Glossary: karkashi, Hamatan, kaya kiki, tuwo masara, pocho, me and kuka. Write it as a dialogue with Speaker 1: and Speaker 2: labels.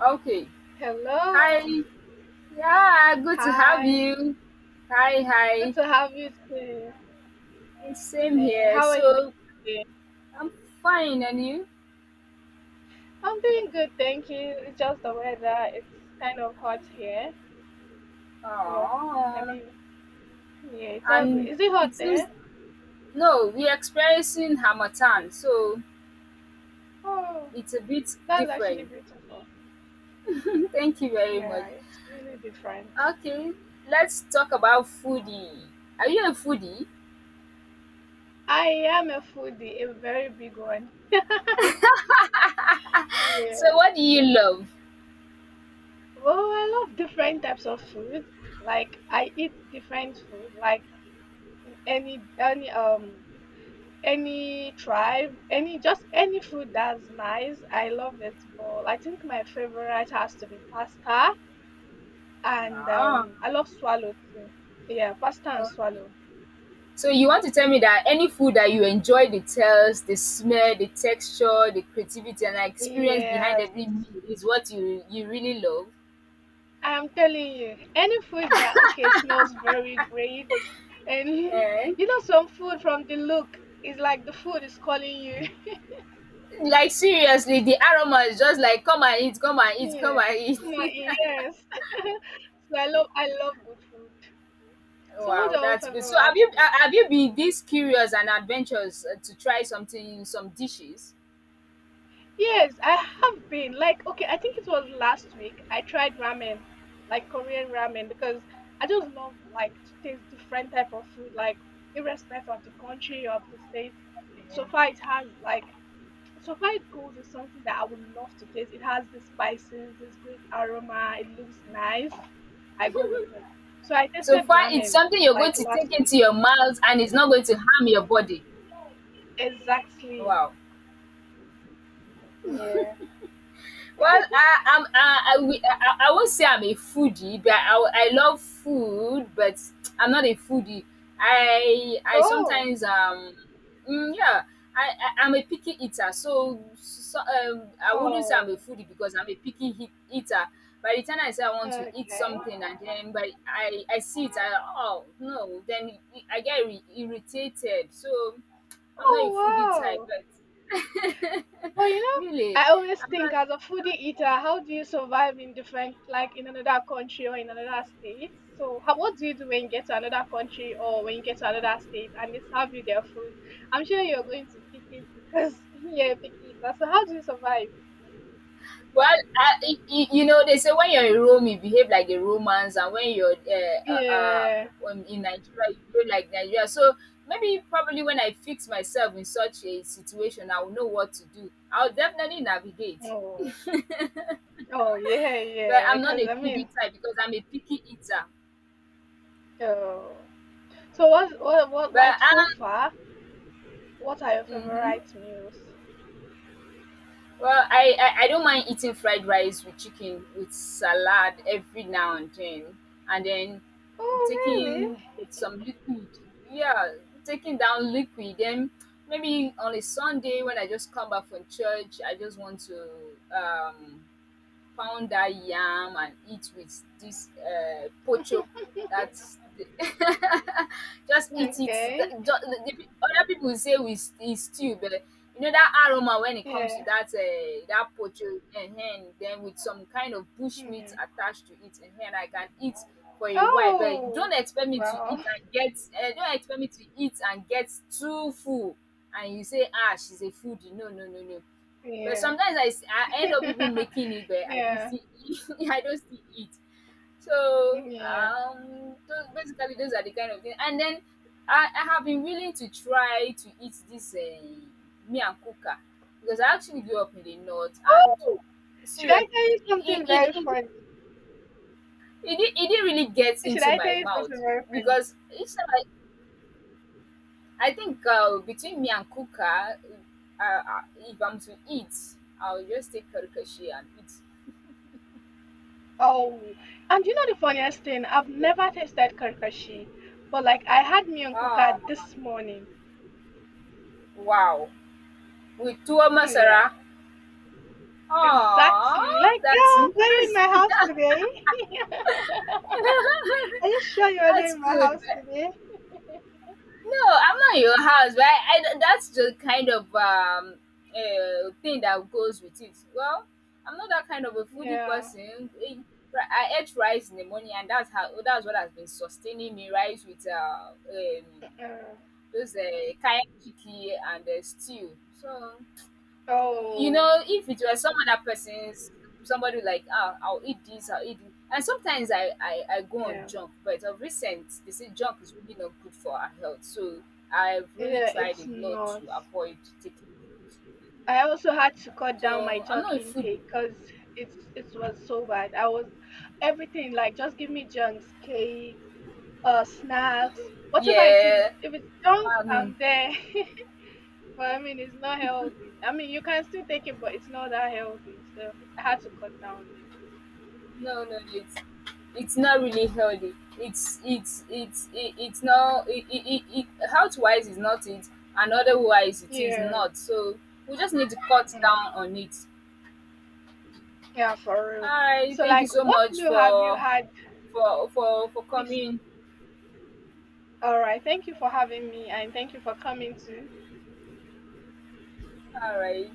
Speaker 1: Okay. Hi.
Speaker 2: Hello.
Speaker 1: Yeah, good to have
Speaker 2: Hi.
Speaker 1: you. Hi,
Speaker 2: Good
Speaker 1: hi.
Speaker 2: to have you too.
Speaker 1: Same here.
Speaker 2: How are you doing
Speaker 1: So
Speaker 2: today?
Speaker 1: I'm fine, and you?
Speaker 2: I'm doing good, thank you. It's just the weather. It's kind of hot here, but I
Speaker 1: Oh,
Speaker 2: mean, yeah, it's all good.
Speaker 1: and
Speaker 2: Is it
Speaker 1: it
Speaker 2: hot
Speaker 1: seems
Speaker 2: there?
Speaker 1: no, we're experiencing Hamatan, so
Speaker 2: Oh,
Speaker 1: it's a bit
Speaker 2: that's actually
Speaker 1: different.
Speaker 2: beautiful.
Speaker 1: Thank you very much.
Speaker 2: Yeah, it's really different.
Speaker 1: Okay, let's talk about foodie. Are you a foodie?
Speaker 2: I am a foodie, a very big one.
Speaker 1: So
Speaker 2: Yeah.
Speaker 1: what do you love?
Speaker 2: Well, I love different types of food. Like I eat different food, like any any tribe, any just any food that's nice, I love it. But I think my favorite has to be pasta, and
Speaker 1: Ah.
Speaker 2: I love swallow too. Yeah, pasta and swallow.
Speaker 1: So you want to tell me that any food that you enjoy the taste, the smell, the texture, the creativity and the experience behind
Speaker 2: Yes,
Speaker 1: every meal is what you really love?
Speaker 2: I'm telling you, any food that okay smells very great, and
Speaker 1: Eh,
Speaker 2: you know some food from the look is like the food is calling you.
Speaker 1: like seriously, the aroma is just like come and eat, come and eat, come
Speaker 2: Yeah,
Speaker 1: and eat.
Speaker 2: come on, yes. So I love good food. So what's
Speaker 1: Wow,
Speaker 2: your own
Speaker 1: that's good. So have
Speaker 2: favorite
Speaker 1: you
Speaker 2: food?
Speaker 1: have you been this curious and adventurous to try some dishes?
Speaker 2: Yes, I have been. Like, okay, I think it was last week. I tried ramen, like Korean ramen, because I just love like to taste different type of food, like irrespective of the country of the state. So far, it has like so far it goes with something that I would love to taste. It has the spices, this great aroma. It looks nice. I go with it. So I
Speaker 1: So
Speaker 2: tasted
Speaker 1: far it's
Speaker 2: ramen
Speaker 1: something you're going
Speaker 2: like
Speaker 1: to take
Speaker 2: last week.
Speaker 1: into your mouth and it's not going to harm your body.
Speaker 2: Exactly.
Speaker 1: Wow.
Speaker 2: Yeah.
Speaker 1: Well, I won't say I'm a foodie, but I love food, but I'm not a foodie. I
Speaker 2: Oh.
Speaker 1: sometimes, um mm, yeah, I I'm a picky eater, so I wouldn't say I'm a
Speaker 2: Oh.
Speaker 1: foodie because I'm a picky hea eater. By the time I say I want to eat
Speaker 2: Okay.
Speaker 1: something and then but I see it, I "Oh, no," then I get irritated. So, I'm not
Speaker 2: Oh
Speaker 1: a foodie type,
Speaker 2: wow.
Speaker 1: but
Speaker 2: But you
Speaker 1: really.
Speaker 2: know, I always think as a foodie eater, how do you survive in different, like in another country or in another state? So, what do you do when you get to another country or when you get to another state and they serve you their food? I'm sure you're going to pick it because yeah, pick it. So, how do you survive?
Speaker 1: Well, y y you know, they say when you're in Rome, you behave like the Romans, and when you're
Speaker 2: Yeah.
Speaker 1: in Nigeria, you behave like Nigeria. So maybe, probably, when I fix myself in such a situation, I will know what to do. I'll definitely navigate.
Speaker 2: Oh. Oh yeah,
Speaker 1: But
Speaker 2: yeah.
Speaker 1: I'm not
Speaker 2: Because
Speaker 1: a foodie type because I'm a picky eater.
Speaker 2: oh. So what?
Speaker 1: But
Speaker 2: Like so far, what are your
Speaker 1: mhm.
Speaker 2: favorite meals?
Speaker 1: Well, I don't mind eating fried rice with chicken with salad every now and then
Speaker 2: Oh really?
Speaker 1: taking some liquid. Yeah, taking down liquid. Then maybe on a Sunday when I just come back from church, I just want to um pound that yam and eat with this pocho. That's the just eat it. Th-
Speaker 2: Okay.
Speaker 1: the- the other people say we it's stew, but you know that aroma when it comes to
Speaker 2: Yeah.
Speaker 1: that that pocho and then with some kind of bush meat
Speaker 2: Yeah.
Speaker 1: attached to it, and then I can eat for a while. But
Speaker 2: Oh,
Speaker 1: don't expect me to eat
Speaker 2: well,
Speaker 1: and get. Don't expect me to eat and get too full. And you say, ah, she's a foodie. No, no, no, no. But
Speaker 2: yeah.
Speaker 1: sometimes I end up even making it, but I don't
Speaker 2: Yeah,
Speaker 1: see it. I don't see it. So
Speaker 2: yeah.
Speaker 1: those, basically those are the kind of things. And then I have been willing to try to eat this me and kuka because I actually grew up in the north, and
Speaker 2: Oh, should I
Speaker 1: seriously,
Speaker 2: tell you
Speaker 1: it
Speaker 2: something
Speaker 1: it,
Speaker 2: very
Speaker 1: it, it,
Speaker 2: funny?
Speaker 1: it didn't really get
Speaker 2: Should
Speaker 1: into
Speaker 2: I tell
Speaker 1: my
Speaker 2: you
Speaker 1: mouth
Speaker 2: something very funny?
Speaker 1: because it's like I think between me and kuka, if I'm to eat, I'll just take karkashi and eat.
Speaker 2: Oh, and you know the funniest thing? I've
Speaker 1: Yeah.
Speaker 2: never tasted karkashi, but like I had me and
Speaker 1: Ah,
Speaker 2: kuka this morning.
Speaker 1: wow, with tuwo
Speaker 2: Mm, yeah,
Speaker 1: masara?
Speaker 2: exactly.
Speaker 1: Oh,
Speaker 2: Like,
Speaker 1: that's
Speaker 2: girl, were you in my
Speaker 1: interesting.
Speaker 2: house today? Are you sure you are not
Speaker 1: That's
Speaker 2: in my
Speaker 1: good,
Speaker 2: house
Speaker 1: but
Speaker 2: today?
Speaker 1: no, I'm not your house, but I that's the kind of, thing that goes with it. Well, I'm not that kind of a foodie
Speaker 2: Yeah.
Speaker 1: person. Eh, ri I ate rice in the morning and that's what has been sustaining me, rice with,
Speaker 2: Uh,
Speaker 1: those, kaya kiki and, stew. So you
Speaker 2: oh,
Speaker 1: know, if it was some other person's, somebody like, ah, I'll eat this, I'll eat this. And sometimes I go on
Speaker 2: yeah.
Speaker 1: junk, but of recent, they say junk is really not good for our health. So I've really
Speaker 2: Yeah,
Speaker 1: tried
Speaker 2: it's
Speaker 1: a lot
Speaker 2: not.
Speaker 1: to avoid taking food.
Speaker 2: I also had to cut down my
Speaker 1: So I'm
Speaker 2: junk
Speaker 1: not a food.
Speaker 2: intake because it was so bad. I was everything like just give me junks, cakes, snacks, whatever it is.
Speaker 1: Yeah.
Speaker 2: If it's junk,
Speaker 1: Um,
Speaker 2: I'm there. But it's not healthy. I mean, you can still take it, but it's not that healthy. So I had to cut down it.
Speaker 1: no, it's not really healthy. It's not, health wise is not it, and otherwise it is
Speaker 2: Yeah,
Speaker 1: not. So we just need to cut
Speaker 2: yeah,
Speaker 1: down on it.
Speaker 2: yeah, for real.
Speaker 1: Hi,
Speaker 2: So
Speaker 1: thank you
Speaker 2: like,
Speaker 1: so
Speaker 2: what
Speaker 1: much
Speaker 2: meal have you had?
Speaker 1: for
Speaker 2: This
Speaker 1: coming.
Speaker 2: all right. Thank you for having me, and thank you for coming to
Speaker 1: All right.